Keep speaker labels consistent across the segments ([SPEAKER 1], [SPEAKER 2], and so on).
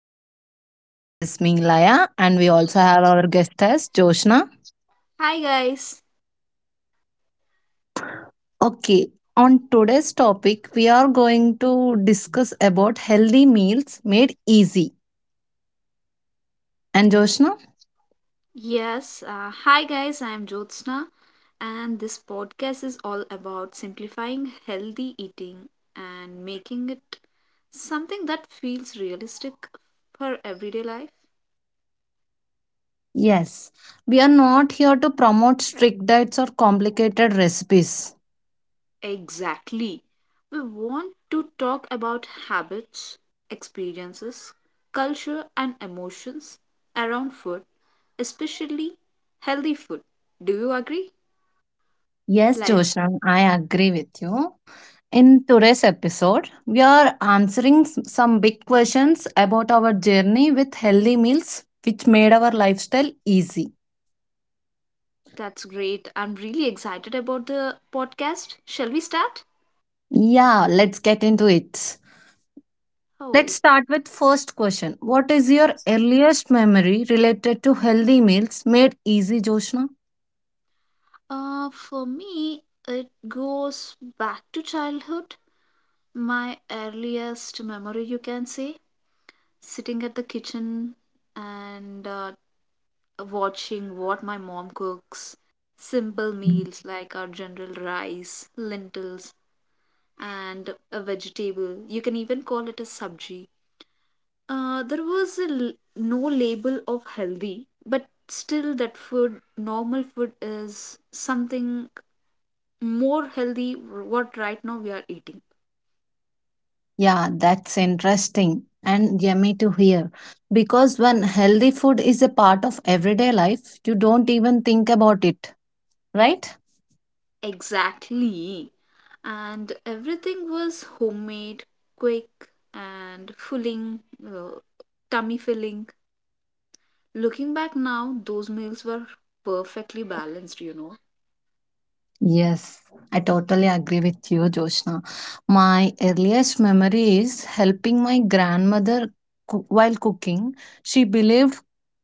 [SPEAKER 1] to our podcast. This is me, Laya, and we also have our guest as Joshna.
[SPEAKER 2] Hi guys.
[SPEAKER 1] Okay, on today's topic, we are going to discuss about healthy meals made easy. And Joshna?
[SPEAKER 2] Yes, Hi guys. I am Jyotsna and this podcast is all about simplifying healthy eating and making it something that feels realistic for everyday life.
[SPEAKER 1] Yes, we are not here to promote strict diets or complicated recipes.
[SPEAKER 2] Exactly. We want to talk about habits, experiences, culture and emotions around food, especially healthy food. Do you agree?
[SPEAKER 1] Yes,
[SPEAKER 2] Like.
[SPEAKER 1] Joshan, I agree with you. In today's episode, we are answering some big questions about our journey with healthy meals, which made our lifestyle easy.
[SPEAKER 2] That's great. I'm really excited about the podcast. Shall we start?
[SPEAKER 1] Yeah, let's get into it. Let's
[SPEAKER 2] Oh,
[SPEAKER 1] start with first question. What is your earliest memory related to healthy meals made easy, Joshna?
[SPEAKER 2] for me, it goes back to childhood. My earliest memory, you can say, sitting at the kitchen and watching what my mom cooks. Simple meals like our general rice, lentils, and a vegetable. You can even call it a sabji. There was no label of healthy, but still that food, normal food, is something more healthy what right now we are eating.
[SPEAKER 1] Yeah, that's interesting and yummy to hear. Because when healthy food is a part of everyday life, you don't even think about it, right?
[SPEAKER 2] Exactly. And everything was homemade, quick, and filling, uh, tummy filling. Looking back now, those meals were perfectly balanced, you know.
[SPEAKER 1] Yes, I totally agree with you, Joshna. My earliest memory is helping my grandmother while cooking. She believed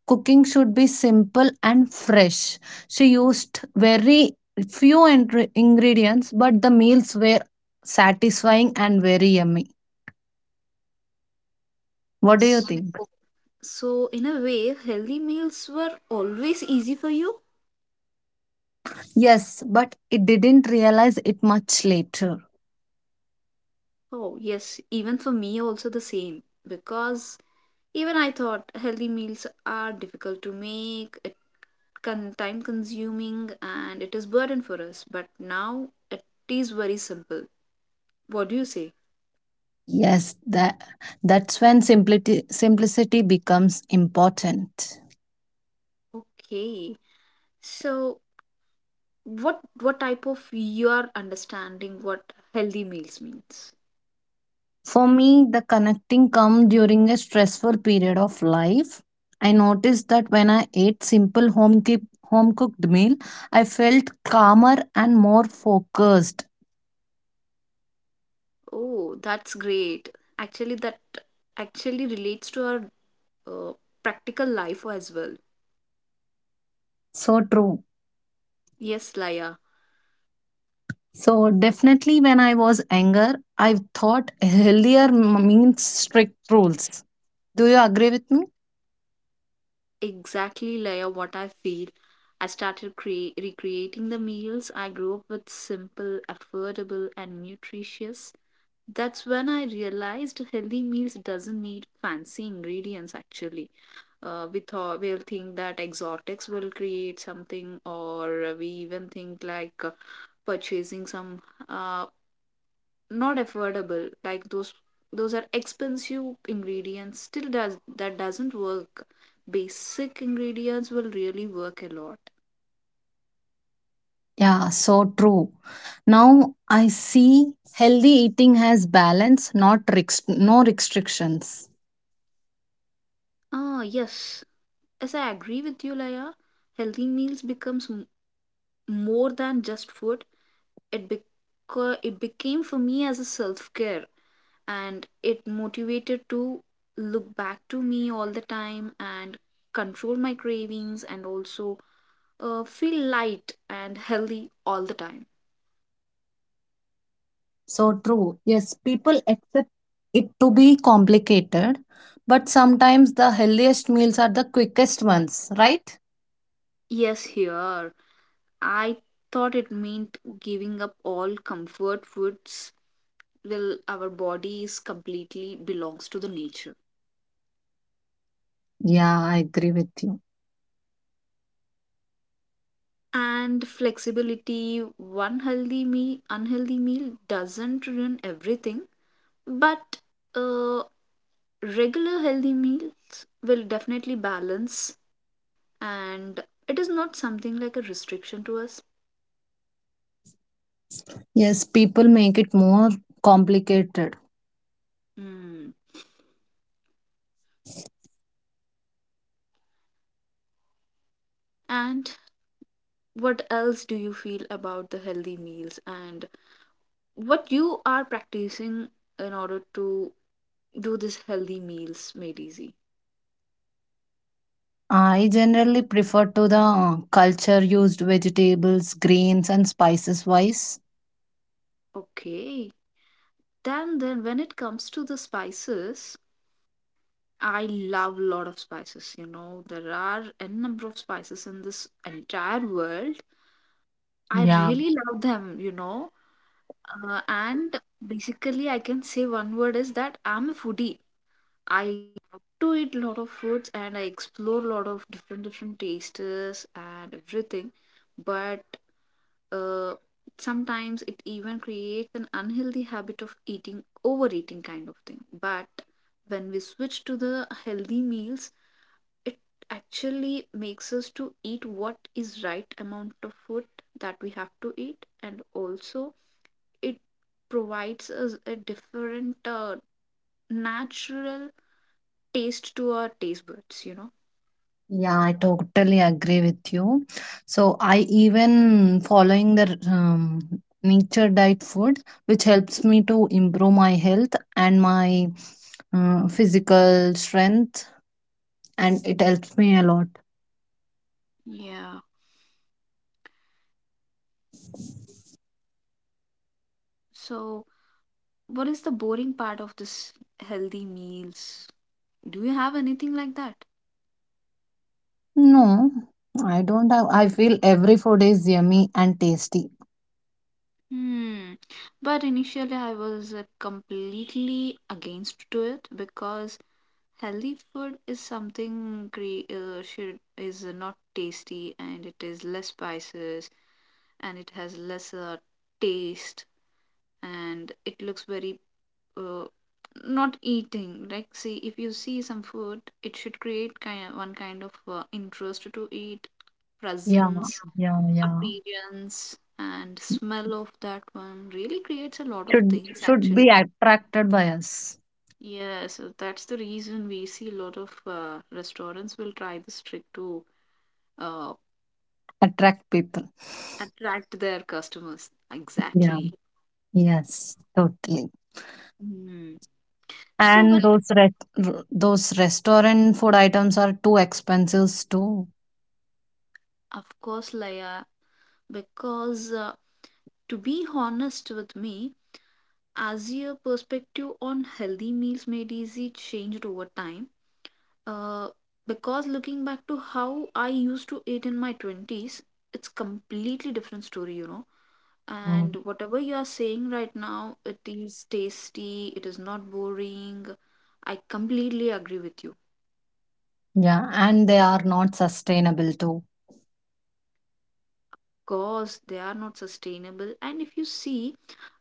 [SPEAKER 1] cooking should be simple and fresh. She used very few ingredients, but the meals were satisfying and very yummy. What do you
[SPEAKER 2] So,
[SPEAKER 1] think?
[SPEAKER 2] so in a way, healthy meals were always easy for you.
[SPEAKER 1] Yes, but it didn't realize it much later.
[SPEAKER 2] Oh, yes, even for me, also the same. Because even I thought healthy meals are difficult to make, it time consuming, and it is burden for us. But now it is very simple. What do you say?
[SPEAKER 1] Yes, that's when simplicity becomes important.
[SPEAKER 2] Okay, so what type of your understanding what healthy meals means?
[SPEAKER 1] For me, the connecting come during a stressful period of life. I noticed that when I ate simple home keep, home cooked meal, I felt calmer and more focused.
[SPEAKER 2] Oh, that's great. Actually, that actually relates to our uh, practical life as well.
[SPEAKER 1] So true.
[SPEAKER 2] Yes, Laya.
[SPEAKER 1] So definitely, when I was anger, I thought healthier means strict rules. Do you agree with me?
[SPEAKER 2] Exactly, layer, what I feel. I started recreating the meals I grew up with simple, affordable and nutritious. That's when I realized healthy meals doesn't need fancy ingredients actually. We thought we'll think that exotics will create something or we even think like purchasing some uh, not affordable, like those are expensive ingredients, still does that doesn't work, basic ingredients will really work a lot.
[SPEAKER 1] Yeah, so true. Now I see healthy eating has balance, not no restrictions.
[SPEAKER 2] Ah, yes, as I agree with you, Laya, healthy meals becomes more than just food. It became for me as a self care and it motivated to look back to me all the time and control my cravings and also feel light and healthy all the time.
[SPEAKER 1] So true. Yes, people accept it to be complicated, but sometimes the healthiest meals are the quickest ones, right?
[SPEAKER 2] Yes, here. I thought it meant giving up all comfort foods. Well, our bodies completely belongs to the nature.
[SPEAKER 1] Yeah, I agree with you.
[SPEAKER 2] And flexibility, one healthy meal, unhealthy meal doesn't ruin everything, but uh, regular healthy meals will definitely balance, and it is not something like a restriction to us.
[SPEAKER 1] Yes, people make it more complicated.
[SPEAKER 2] Mm. And what else do you feel about the healthy meals and what you are practicing in order to do this healthy meals made easy?
[SPEAKER 1] I generally prefer to the culture used vegetables, grains, and spices wise.
[SPEAKER 2] Okay, then when it comes to the spices, I love a lot of spices, you know, there are n number of spices in this entire world. I
[SPEAKER 1] Yeah.
[SPEAKER 2] really love them, you know. And Basically I can say one word is that I'm a foodie. I love to eat a lot of foods and I explore a lot of different different tastes and everything, but Uh, sometimes it even creates an unhealthy habit of eating, overeating kind of thing. But when we switch to the healthy meals, it actually makes us to eat what is right amount of food that we have to eat and also it provides us a different natural taste to our taste buds, you know.
[SPEAKER 1] Yeah, I totally agree with you. So I even following the nature diet food, which helps me to improve my health and my physical strength, and it helps me a lot.
[SPEAKER 2] Yeah. So, what is the boring part of this healthy meals? Do you have anything like that?
[SPEAKER 1] No, I don't have. I feel every food is yummy and tasty.
[SPEAKER 2] Hmm. But initially, I was completely against to it because healthy food is something should is not tasty and it is less spices and it has lesser taste and it looks very uh, not eating. Like, see, if you see some food, it should create kind one kind of interest to eat,
[SPEAKER 1] Yeah,
[SPEAKER 2] presence,
[SPEAKER 1] yeah, yeah.
[SPEAKER 2] appearance and smell of that one really creates a lot of
[SPEAKER 1] Should
[SPEAKER 2] things
[SPEAKER 1] should
[SPEAKER 2] actually.
[SPEAKER 1] be attracted by us.
[SPEAKER 2] Yeah, so that's the reason we see a lot of restaurants will try this trick to uh,
[SPEAKER 1] Attract people.
[SPEAKER 2] attract their customers,
[SPEAKER 1] Yeah.
[SPEAKER 2] exactly.
[SPEAKER 1] Yes. Totally.
[SPEAKER 2] Hmm. So
[SPEAKER 1] And
[SPEAKER 2] when,
[SPEAKER 1] those re- those restaurant food items are too expensive too.
[SPEAKER 2] of course, Laya, because to be honest with me, as your perspective on healthy meals made easy changed over time. Uh, because looking back to how I used to eat in my 20s, it's completely different story, you know.
[SPEAKER 1] Mm.
[SPEAKER 2] And whatever you are saying right now, it is tasty, it is not boring. I completely agree with you.
[SPEAKER 1] Yeah, and they are not sustainable too.
[SPEAKER 2] Because they are not sustainable. And if you see,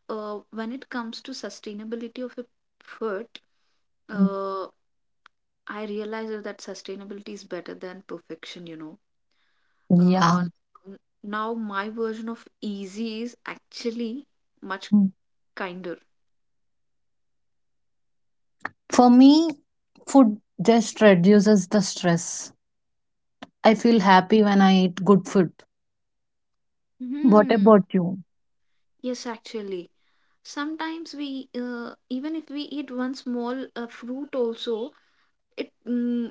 [SPEAKER 2] when it comes to sustainability of a food,
[SPEAKER 1] Mm.
[SPEAKER 2] uh, I realize that sustainability is better than perfection, you know.
[SPEAKER 1] Yeah.
[SPEAKER 2] Uh, n- Now my version of easy is actually much
[SPEAKER 1] Mm.
[SPEAKER 2] kinder.
[SPEAKER 1] For me, food just reduces the stress. I feel happy when I eat good food. What
[SPEAKER 2] Hmm.
[SPEAKER 1] about you?
[SPEAKER 2] Yes, actually. Sometimes we, even if we eat one small fruit also, it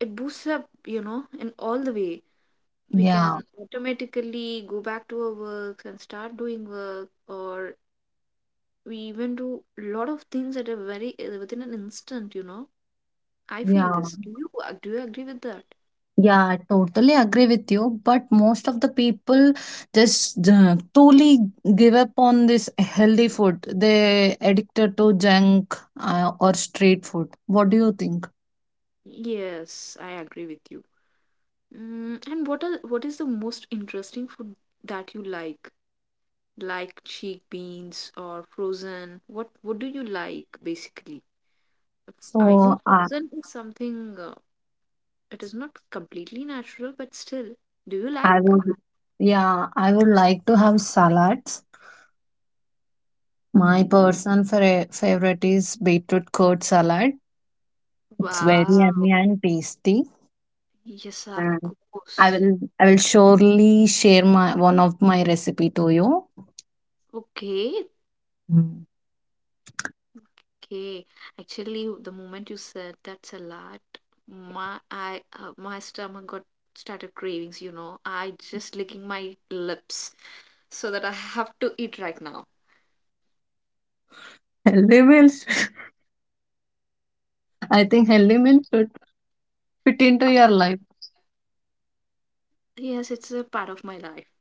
[SPEAKER 2] it boosts up, you know, in all the way. We
[SPEAKER 1] Yeah.
[SPEAKER 2] can automatically go back to our works and start doing work, or we even do a lot of things at a very within an instant, you know. I feel
[SPEAKER 1] Yeah.
[SPEAKER 2] this. Do you agree with that?
[SPEAKER 1] Yeah, I totally agree with you. But most of the people just totally give up on this healthy food. They addicted to junk, or street food. What do you think?
[SPEAKER 2] Yes, I agree with you. Mm, and what is the most interesting food that you like? Like chickpeas or frozen? What do you like basically? I know
[SPEAKER 1] So uh,
[SPEAKER 2] frozen is something it is not completely natural, but still, do you
[SPEAKER 1] I
[SPEAKER 2] like?
[SPEAKER 1] would, yeah, I would like to have salads. My personal favorite is beetroot curd salad. It's very
[SPEAKER 2] Wow.
[SPEAKER 1] yummy and tasty.
[SPEAKER 2] Yes, of
[SPEAKER 1] And
[SPEAKER 2] course.
[SPEAKER 1] I will surely share my one of my recipe to you.
[SPEAKER 2] Okay,
[SPEAKER 1] Mm.
[SPEAKER 2] okay. Actually, the moment you said that salad, my stomach got started cravings. You know, I just licking my lips so that I have to eat right now.
[SPEAKER 1] Healthy meals. I think healthy means fit, fit into your life.
[SPEAKER 2] Yes, it's a part of my life.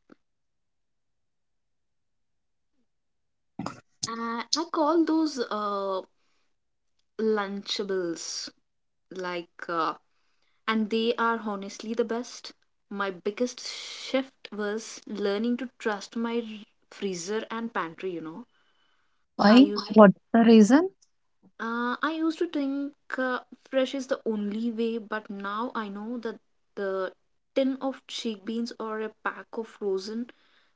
[SPEAKER 2] And I call those Lunchables like, and they are honestly the best. My biggest shift was learning to trust freezer and pantry, you know. I
[SPEAKER 1] Why?
[SPEAKER 2] used
[SPEAKER 1] What's the reason?
[SPEAKER 2] I used to think uh, fresh is the only way, but now I know that the tin of chickpeas or a pack of frozen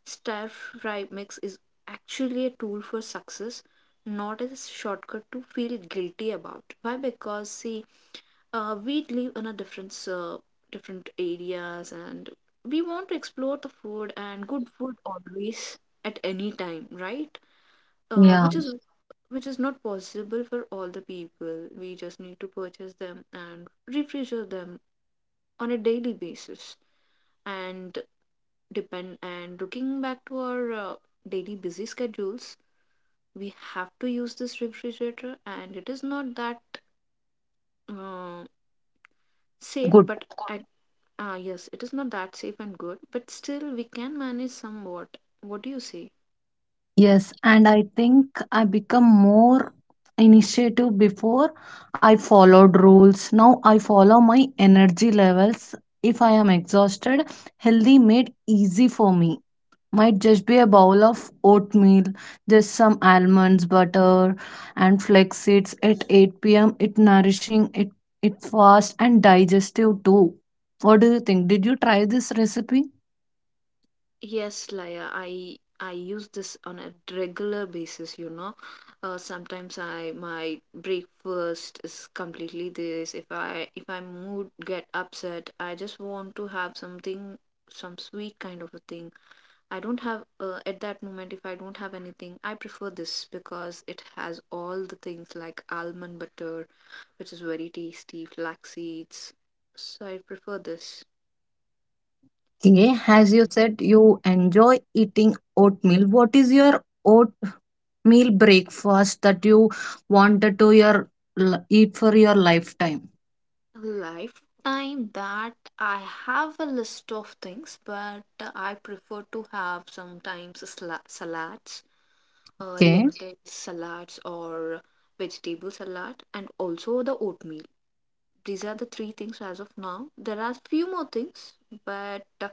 [SPEAKER 2] stir fry mix is actually a tool for success, not a shortcut to feel guilty about. Why? Because see, we live in a different areas, and we want to explore the food and good food always at any time, right? uh,
[SPEAKER 1] Yeah,
[SPEAKER 2] which is which is not possible for all the people. We just need to purchase them and refresh them on a daily basis. And depend and looking back to our daily busy schedules, we have to use this refrigerator, and it is not that uh, safe,
[SPEAKER 1] good.
[SPEAKER 2] but yes, it is not that safe and good, but still we can manage somewhat. What do you say?
[SPEAKER 1] Yes, and I think I become more initiative before I followed rules. Now I follow my energy levels. If I am exhausted, healthy made easy for me might just be a bowl of oatmeal, just some almonds, butter, and flax seeds at 8 p.m. It nourishing, it fast and digestive too. What do you think? Did you try this recipe?
[SPEAKER 2] Yes, Laya, I use this on a regular basis, you know. Sometimes I my breakfast is completely this. If I mood get upset, I just want to have something, some sweet kind of a thing. I don't have at that moment, if I don't have anything, I prefer this because it has all the things like almond butter, which is very tasty, flax seeds. So I prefer this.
[SPEAKER 1] Yeah, as you said, you enjoy eating oatmeal. What is your oatmeal breakfast that you wanted to your eat for your lifetime?
[SPEAKER 2] Lifetime that I have a list of things, but I prefer to have sometimes salads,
[SPEAKER 1] Okay.
[SPEAKER 2] lentil salads, or vegetable salad, and also the oatmeal. These are the three things as of now. There are few more things, but uh,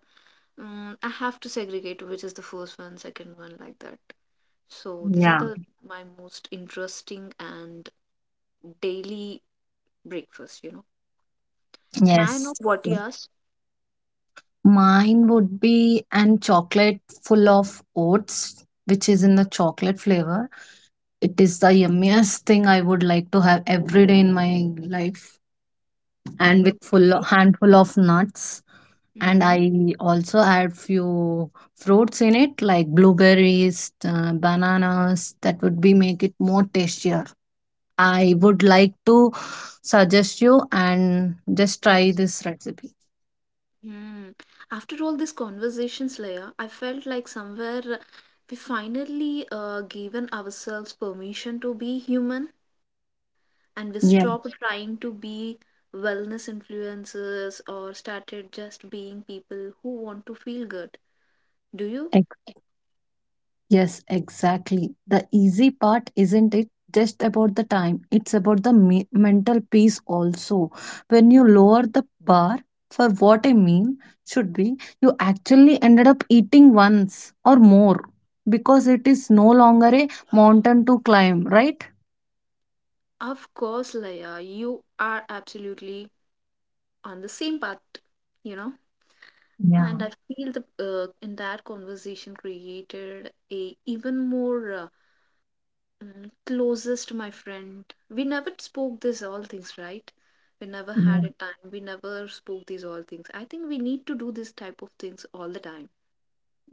[SPEAKER 2] mm, I have to segregate which is the first one, second one, like that. So these are
[SPEAKER 1] Yeah.
[SPEAKER 2] the my most interesting and daily breakfast. You know, may I
[SPEAKER 1] Yes.
[SPEAKER 2] know what yours?
[SPEAKER 1] Mine would be an chocolate full of oats, which is in the chocolate flavor. It is the yummiest thing I would like to have every day in my life, and with full handful of nuts. And
[SPEAKER 2] Hmm.
[SPEAKER 1] I also add few fruits in it, like blueberries, bananas. That would be make it more tastier. I would like to suggest you and just try this recipe.
[SPEAKER 2] Mm. After all these conversations, Leia, I felt like somewhere we finally given ourselves permission to be human and we
[SPEAKER 1] Yeah.
[SPEAKER 2] stopped trying to be wellness influencers or started just being people who want to feel good. Do you?
[SPEAKER 1] Yes, exactly. The easy part isn't it just about the time, it's about the mental peace also. When you lower the bar for what a meal should be, you actually ended up eating once or more because it is no longer a mountain to climb, right?
[SPEAKER 2] Of course, Leia, you are absolutely on the same path, you know?
[SPEAKER 1] Yeah.
[SPEAKER 2] And I feel the in that conversation created a even more. Mm, closest, my friend. We never spoke this all things, right? We never had a time. We never spoke these all things. I think we need to do this type of things all the time.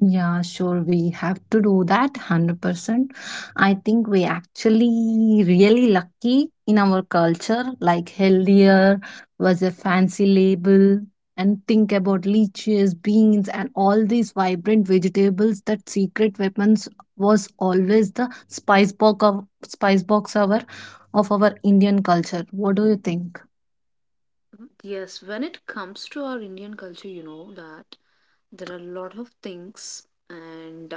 [SPEAKER 1] Yeah, sure. We have to do that 100%. I think we actually really lucky in our culture, like healthier was a fancy label. And think about leeches, beans, and all these vibrant vegetables that secret weapons was always the spice box our of our Indian culture. What do you think?
[SPEAKER 2] Mhm. Yes, when it comes to our Indian culture, you know that there are a lot of things, and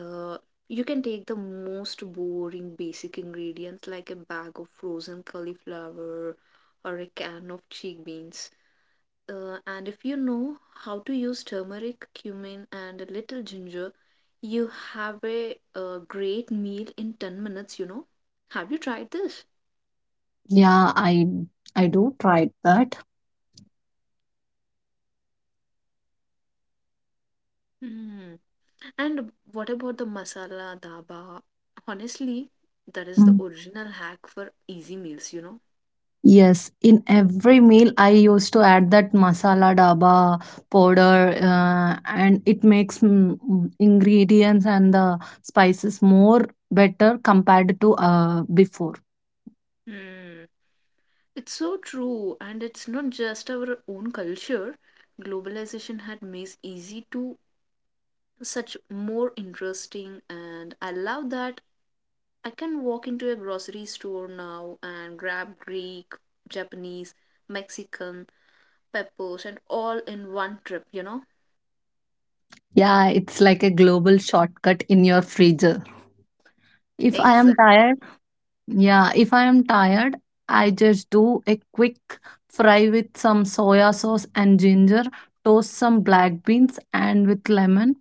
[SPEAKER 2] uh, you can take the most boring basic ingredients like a bag of frozen cauliflower or a can of chickpeas. And if you know how to use turmeric, cumin, and a little ginger, you have a great meal in 10 minutes, you know. Have you tried this?
[SPEAKER 1] Yeah, I do try that.
[SPEAKER 2] Hmm. And what about the masala dhaba? Honestly, that is the
[SPEAKER 1] Mm.
[SPEAKER 2] original hack for easy meals, you know.
[SPEAKER 1] Yes, in every meal I used to add that masala daba powder, and it makes ingredients and the spices more better compared to before.
[SPEAKER 2] Hmm. It's so true, and it's not just our own culture. Globalization had made easy to such more interesting, and I love that I can walk into a grocery store now and grab Greek, Japanese, Mexican, peppers, and all in one trip, you know?
[SPEAKER 1] Yeah, it's like a global shortcut in your freezer. If I am
[SPEAKER 2] Exactly.
[SPEAKER 1] tired, yeah, if I am tired, I just do a quick fry with some soya sauce and ginger, toast some black beans and with lemon.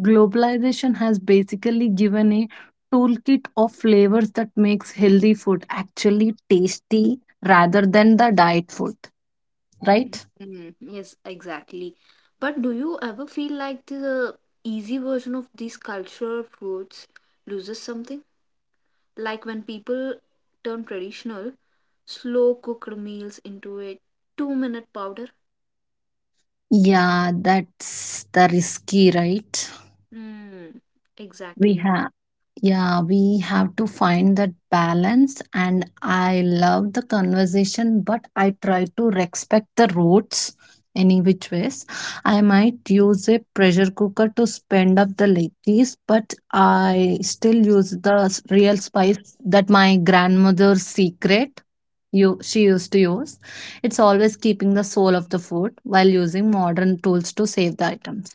[SPEAKER 1] Globalization has basically given a toolkit of flavors that makes healthy food actually tasty rather than the diet food, right?
[SPEAKER 2] Mm, yes, exactly. But do you ever feel like the easy version of these cultural foods loses something? Like when people turn traditional, slow cooked meals into a 2-minute powder?
[SPEAKER 1] Yeah, that's the risky, right?
[SPEAKER 2] Mm,
[SPEAKER 1] We
[SPEAKER 2] exactly.
[SPEAKER 1] have. Yeah, we have to find that balance. And I love the conversation, but I try to respect the roots any which ways. I might use a pressure cooker to spend up the lettuce, but I still use the real spice that my grandmother's secret you she used to use. It's always keeping the soul of the food while using modern tools to save the items.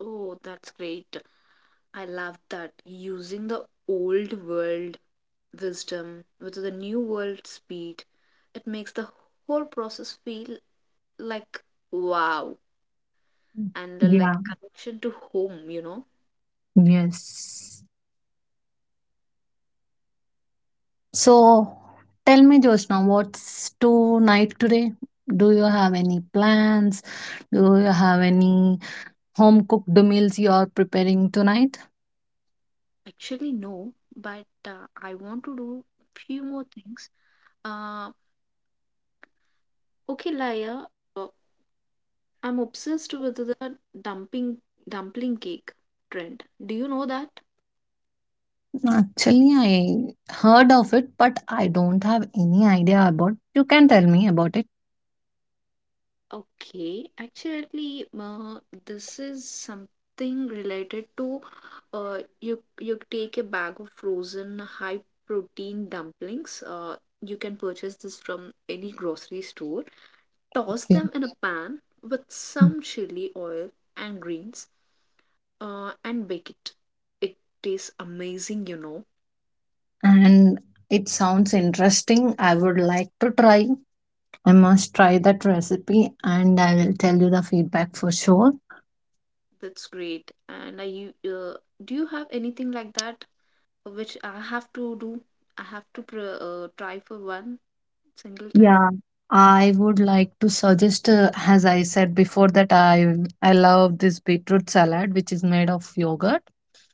[SPEAKER 2] Oh, that's great. I love that. Using the old world wisdom with the new world speed, it makes the whole process feel like wow and like
[SPEAKER 1] Yeah.
[SPEAKER 2] connection to home.
[SPEAKER 1] Yes. So tell me, Jyotsna, what's tonight today? Do you have any plans? Do you have any home cooked meals you are preparing tonight?
[SPEAKER 2] Actually, no, but I want to do few more things. Uh, okay, Laya, I'm obsessed with the dumping dumpling cake trend. Do you know that?
[SPEAKER 1] Actually, I heard of it, but I don't have any idea about. You can tell me about it.
[SPEAKER 2] Okay, actually, this is something related to you take a bag of frozen high protein dumplings. You can purchase this from any grocery store. Toss
[SPEAKER 1] Okay.
[SPEAKER 2] them in a pan with some chili oil and greens, and bake it. It tastes amazing.
[SPEAKER 1] And it sounds interesting. I would like to try. I must try that recipe and I will tell you the feedback for sure.
[SPEAKER 2] That's great. And I you Do you have anything like that? Which I have to do. I have to try for one single time.
[SPEAKER 1] Yeah, I would like to suggest, as I said before, that I love this beetroot salad, which is made of yogurt.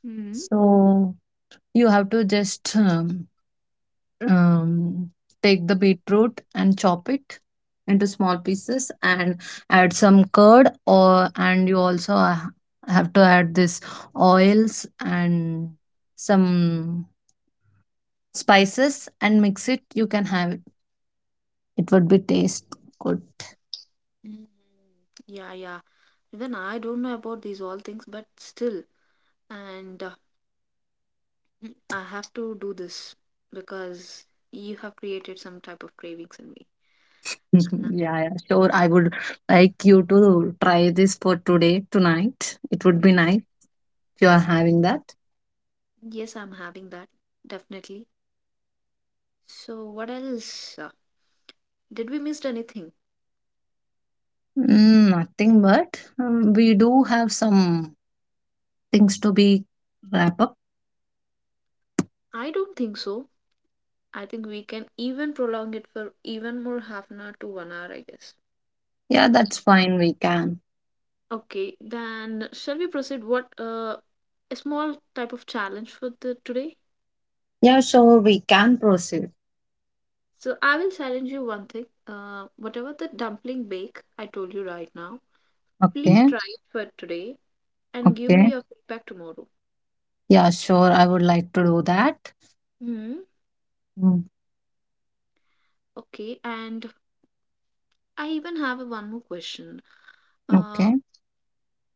[SPEAKER 2] Hmm
[SPEAKER 1] So you have to just um, take the beetroot and chop it into small pieces and add some curd, or and you also have to add this oils and some spices and mix it. You can have it. It would be taste good.
[SPEAKER 2] Mhm. Yeah, yeah. Even I don't know about these all things, but still, and I have to do this because you have created some type of cravings in me.
[SPEAKER 1] Mhm. Yeah, yeah, sure. I would like you to try this for today, tonight. It would
[SPEAKER 2] And
[SPEAKER 1] be nice if you are having that.
[SPEAKER 2] yes, I'm having that definitely. So, what else? Uh, Did we miss anything?
[SPEAKER 1] Mm, nothing but we do have some things to be wrap up.
[SPEAKER 2] I don't think so. I think we can even prolong it for even more half an hour to 1 hour, I guess.
[SPEAKER 1] Yeah, that's fine. We can.
[SPEAKER 2] Okay, then shall we proceed? What A small type of challenge for the today.
[SPEAKER 1] Yeah, sure. We can proceed.
[SPEAKER 2] So I will challenge you one thing. Whatever the dumpling bake I told you right now, please
[SPEAKER 1] Okay.
[SPEAKER 2] try it for today and give me
[SPEAKER 1] Okay.
[SPEAKER 2] your feedback tomorrow.
[SPEAKER 1] Yeah, sure. I would like to do that.
[SPEAKER 2] Hmm.
[SPEAKER 1] Mm,
[SPEAKER 2] Okay. And I even have a one more question. Uh,
[SPEAKER 1] okay.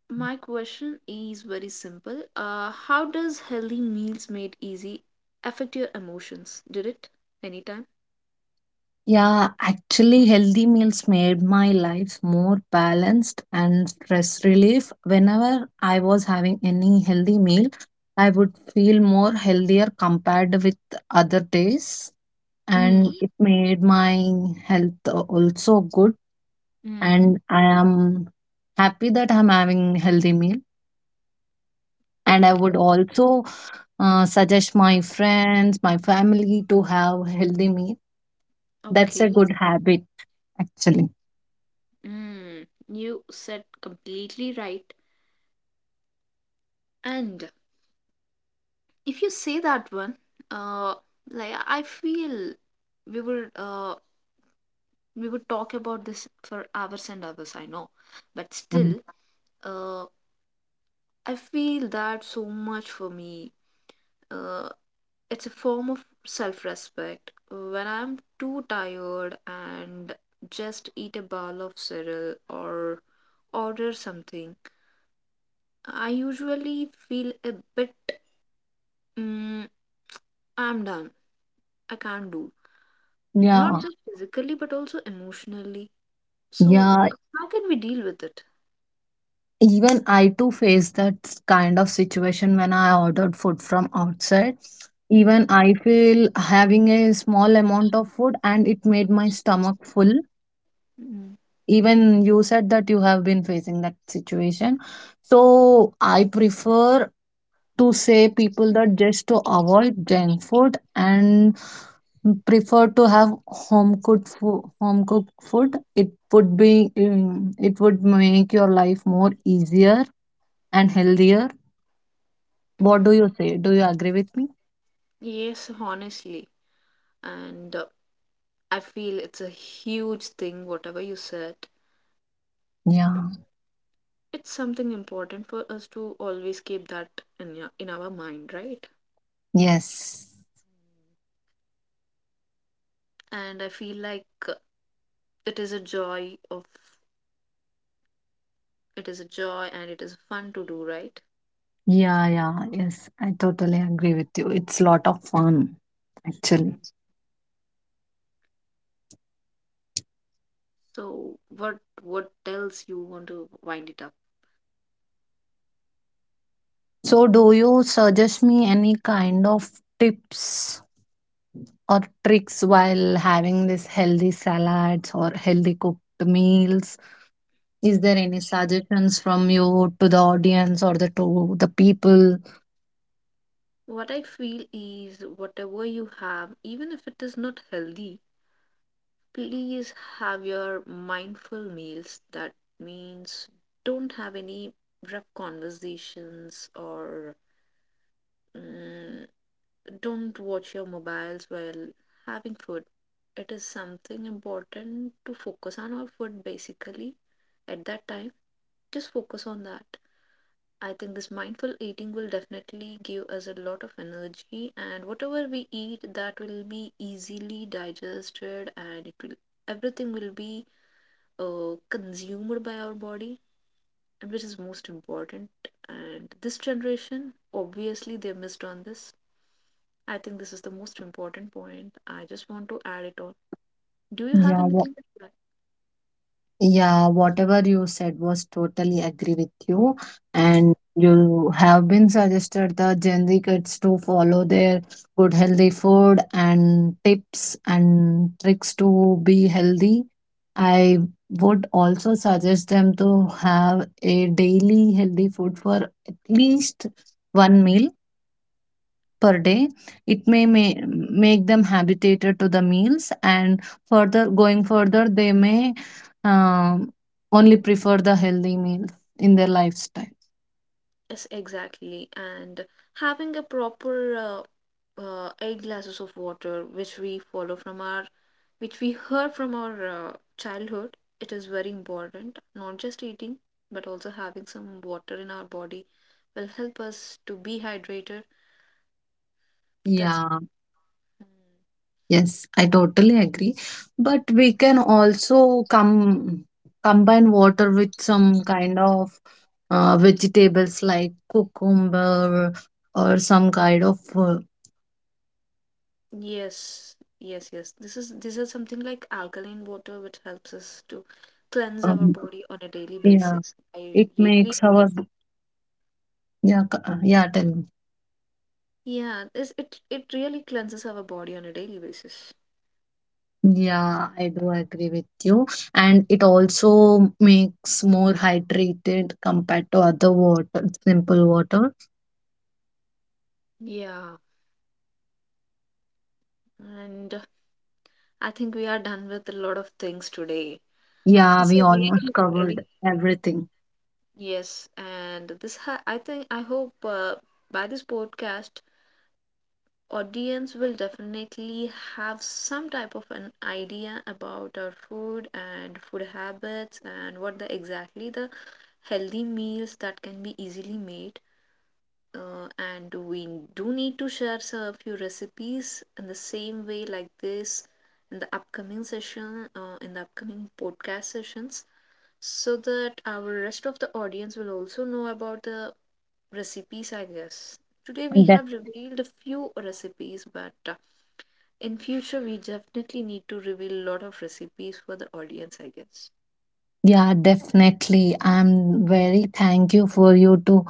[SPEAKER 2] my question is very simple. How does healthy meals made easy affect your emotions? Did it anytime?
[SPEAKER 1] Yeah, actually, healthy meals made my life more balanced and stress relief. Whenever I was having any healthy meal, I would feel more healthier compared with other days,
[SPEAKER 2] Mm.
[SPEAKER 1] and it made my health also good.
[SPEAKER 2] Mm.
[SPEAKER 1] And I am happy that I'm having healthy meal. And I
[SPEAKER 2] Okay.
[SPEAKER 1] would also suggest my friends, my family to have healthy meal. That's a
[SPEAKER 2] Okay.
[SPEAKER 1] good habit, actually.
[SPEAKER 2] Mm, you said completely right. And if you say that one, uh, like I feel we would uh we would talk about this for hours and hours. I know, but
[SPEAKER 1] Mm.
[SPEAKER 2] still, uh, I feel that so much for me. Uh, it's a form of self respect. When I'm too tired and just eat a bowl of cereal or order something, I usually feel a bit Mm, I'm done. I can't do. Not
[SPEAKER 1] Yeah,
[SPEAKER 2] just physically, but also emotionally. So,
[SPEAKER 1] yeah.
[SPEAKER 2] yeah. How can we deal with it?
[SPEAKER 1] Even I too faced that kind of situation when I ordered food from outside. Even
[SPEAKER 2] Mm,
[SPEAKER 1] I feel having a small amount of food and it made my stomach full.
[SPEAKER 2] mm,
[SPEAKER 1] Even you said that you have been facing that situation. So I prefer to say people that just to avoid junk food and prefer to have home cooked food. It would be it would make your life more easier and healthier. What
[SPEAKER 2] mm.
[SPEAKER 1] do you say? Do you agree with me?
[SPEAKER 2] Yes, honestly. And I feel it's a huge thing, whatever you said.
[SPEAKER 1] Yeah,
[SPEAKER 2] It's something important for us to always keep that in our mind, right?
[SPEAKER 1] yes.
[SPEAKER 2] And I feel like it is a joy of it is a joy and it is fun to do, right?
[SPEAKER 1] Yeah, yeah, yes, I totally agree with you. It's lot of fun, actually.
[SPEAKER 2] Mm. So what else you want to wind it up?
[SPEAKER 1] So do you suggest me any kind of tips or tricks while having this healthy salads or healthy cooked meals? Is there any suggestions from you to the audience or the to the people?
[SPEAKER 2] What I feel is whatever you have, even if it is not healthy, please have your mindful meals. That means don't have any rough conversations or mm, don't watch your mobiles while having food. It is something important to focus on our food basically at that time. Just focus on that. I think this mindful eating will definitely give us a lot of energy, and whatever we eat, that will be easily digested, and it will everything will be consumed by our body, which is most important. And this generation, obviously, they missed on this. I think this is the most important point. I just want to add it on. Do you have
[SPEAKER 1] Yeah.
[SPEAKER 2] anything to
[SPEAKER 1] Yeah, whatever you said was totally agree with you. And you have been suggested the Gen Z kids to follow their good healthy food and tips and tricks to be healthy. I would also suggest them to have a daily healthy food for at least one meal per day. It
[SPEAKER 2] add?
[SPEAKER 1] may make them habituated to the meals, and further going further, they may um, only prefer the healthy meals in their lifestyle.
[SPEAKER 2] Yes, exactly. And having a proper 8 glasses of water, which we follow from which we heard from our childhood, it is very important. Not just eating, but also having some water in our body will help us to be hydrated. That's
[SPEAKER 1] Yeah,
[SPEAKER 2] Mm.
[SPEAKER 1] yes, I totally agree. But we can also come combine water with some kind of vegetables like cucumber or some kind of
[SPEAKER 2] Yes, yes, yes. This is something like alkaline water, which helps us to cleanse our
[SPEAKER 1] um,
[SPEAKER 2] body on a daily
[SPEAKER 1] yeah.
[SPEAKER 2] basis. I
[SPEAKER 1] It
[SPEAKER 2] really
[SPEAKER 1] makes our
[SPEAKER 2] like.
[SPEAKER 1] yeah yeah, tell me.
[SPEAKER 2] Yeah, this it it really cleanses our body on a daily basis.
[SPEAKER 1] Yeah, I do agree with you. And it also makes more hydrated compared to other water, simple water.
[SPEAKER 2] Yeah, and I think we are done with a lot of things today.
[SPEAKER 1] Yeah,
[SPEAKER 2] This
[SPEAKER 1] we
[SPEAKER 2] is
[SPEAKER 1] almost
[SPEAKER 2] really very
[SPEAKER 1] covered everything.
[SPEAKER 2] yes, and this ha I think I hope by this podcast, audience will definitely have some type of an idea about our food and food habits and what the exactly the healthy meals that can be easily made. And we do need to share a few recipes in the same way like this in the upcoming session in the upcoming podcast sessions so that our rest of the audience will also know about the recipes, I guess. Today we have
[SPEAKER 1] Def-
[SPEAKER 2] revealed a few recipes, but in future we definitely need to reveal a lot of recipes for the audience, I guess.
[SPEAKER 1] yeah, definitely. I'm very thank you for you to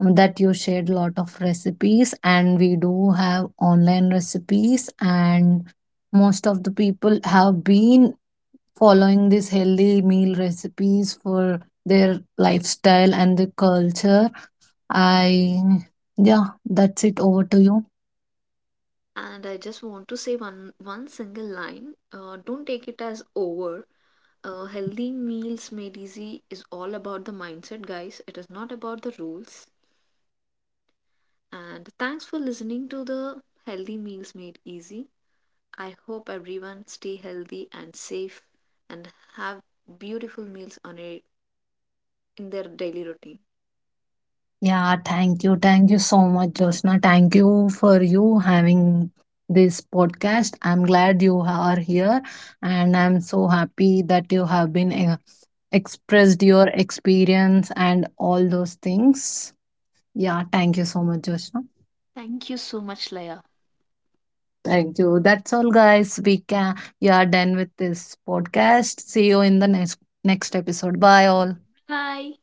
[SPEAKER 1] that you shared lot of recipes and we do have online recipes and most of the people have been following these healthy meal recipes for their lifestyle and the culture. I, yeah, that's it. Over to you.
[SPEAKER 2] And I just want to say one single line. Don't take it as over. Healthy meals made easy is all about the mindset, guys. It is not about the rules. And thanks for listening to the Healthy Meals Made Easy. I hope everyone stay healthy and safe and have beautiful meals on in their daily routine.
[SPEAKER 1] Yeah, thank you. Thank you so much, Joshna. Thank you for you having this podcast. I'm glad you are here and I'm so happy that you have been expressed your experience and all those things. Yeah, thank you so much, Joshna.
[SPEAKER 2] Thank you so much, Leia.
[SPEAKER 1] Thank you. That's all, guys. We can. We are done with this podcast. See you in the next episode. Bye, all.
[SPEAKER 2] Bye.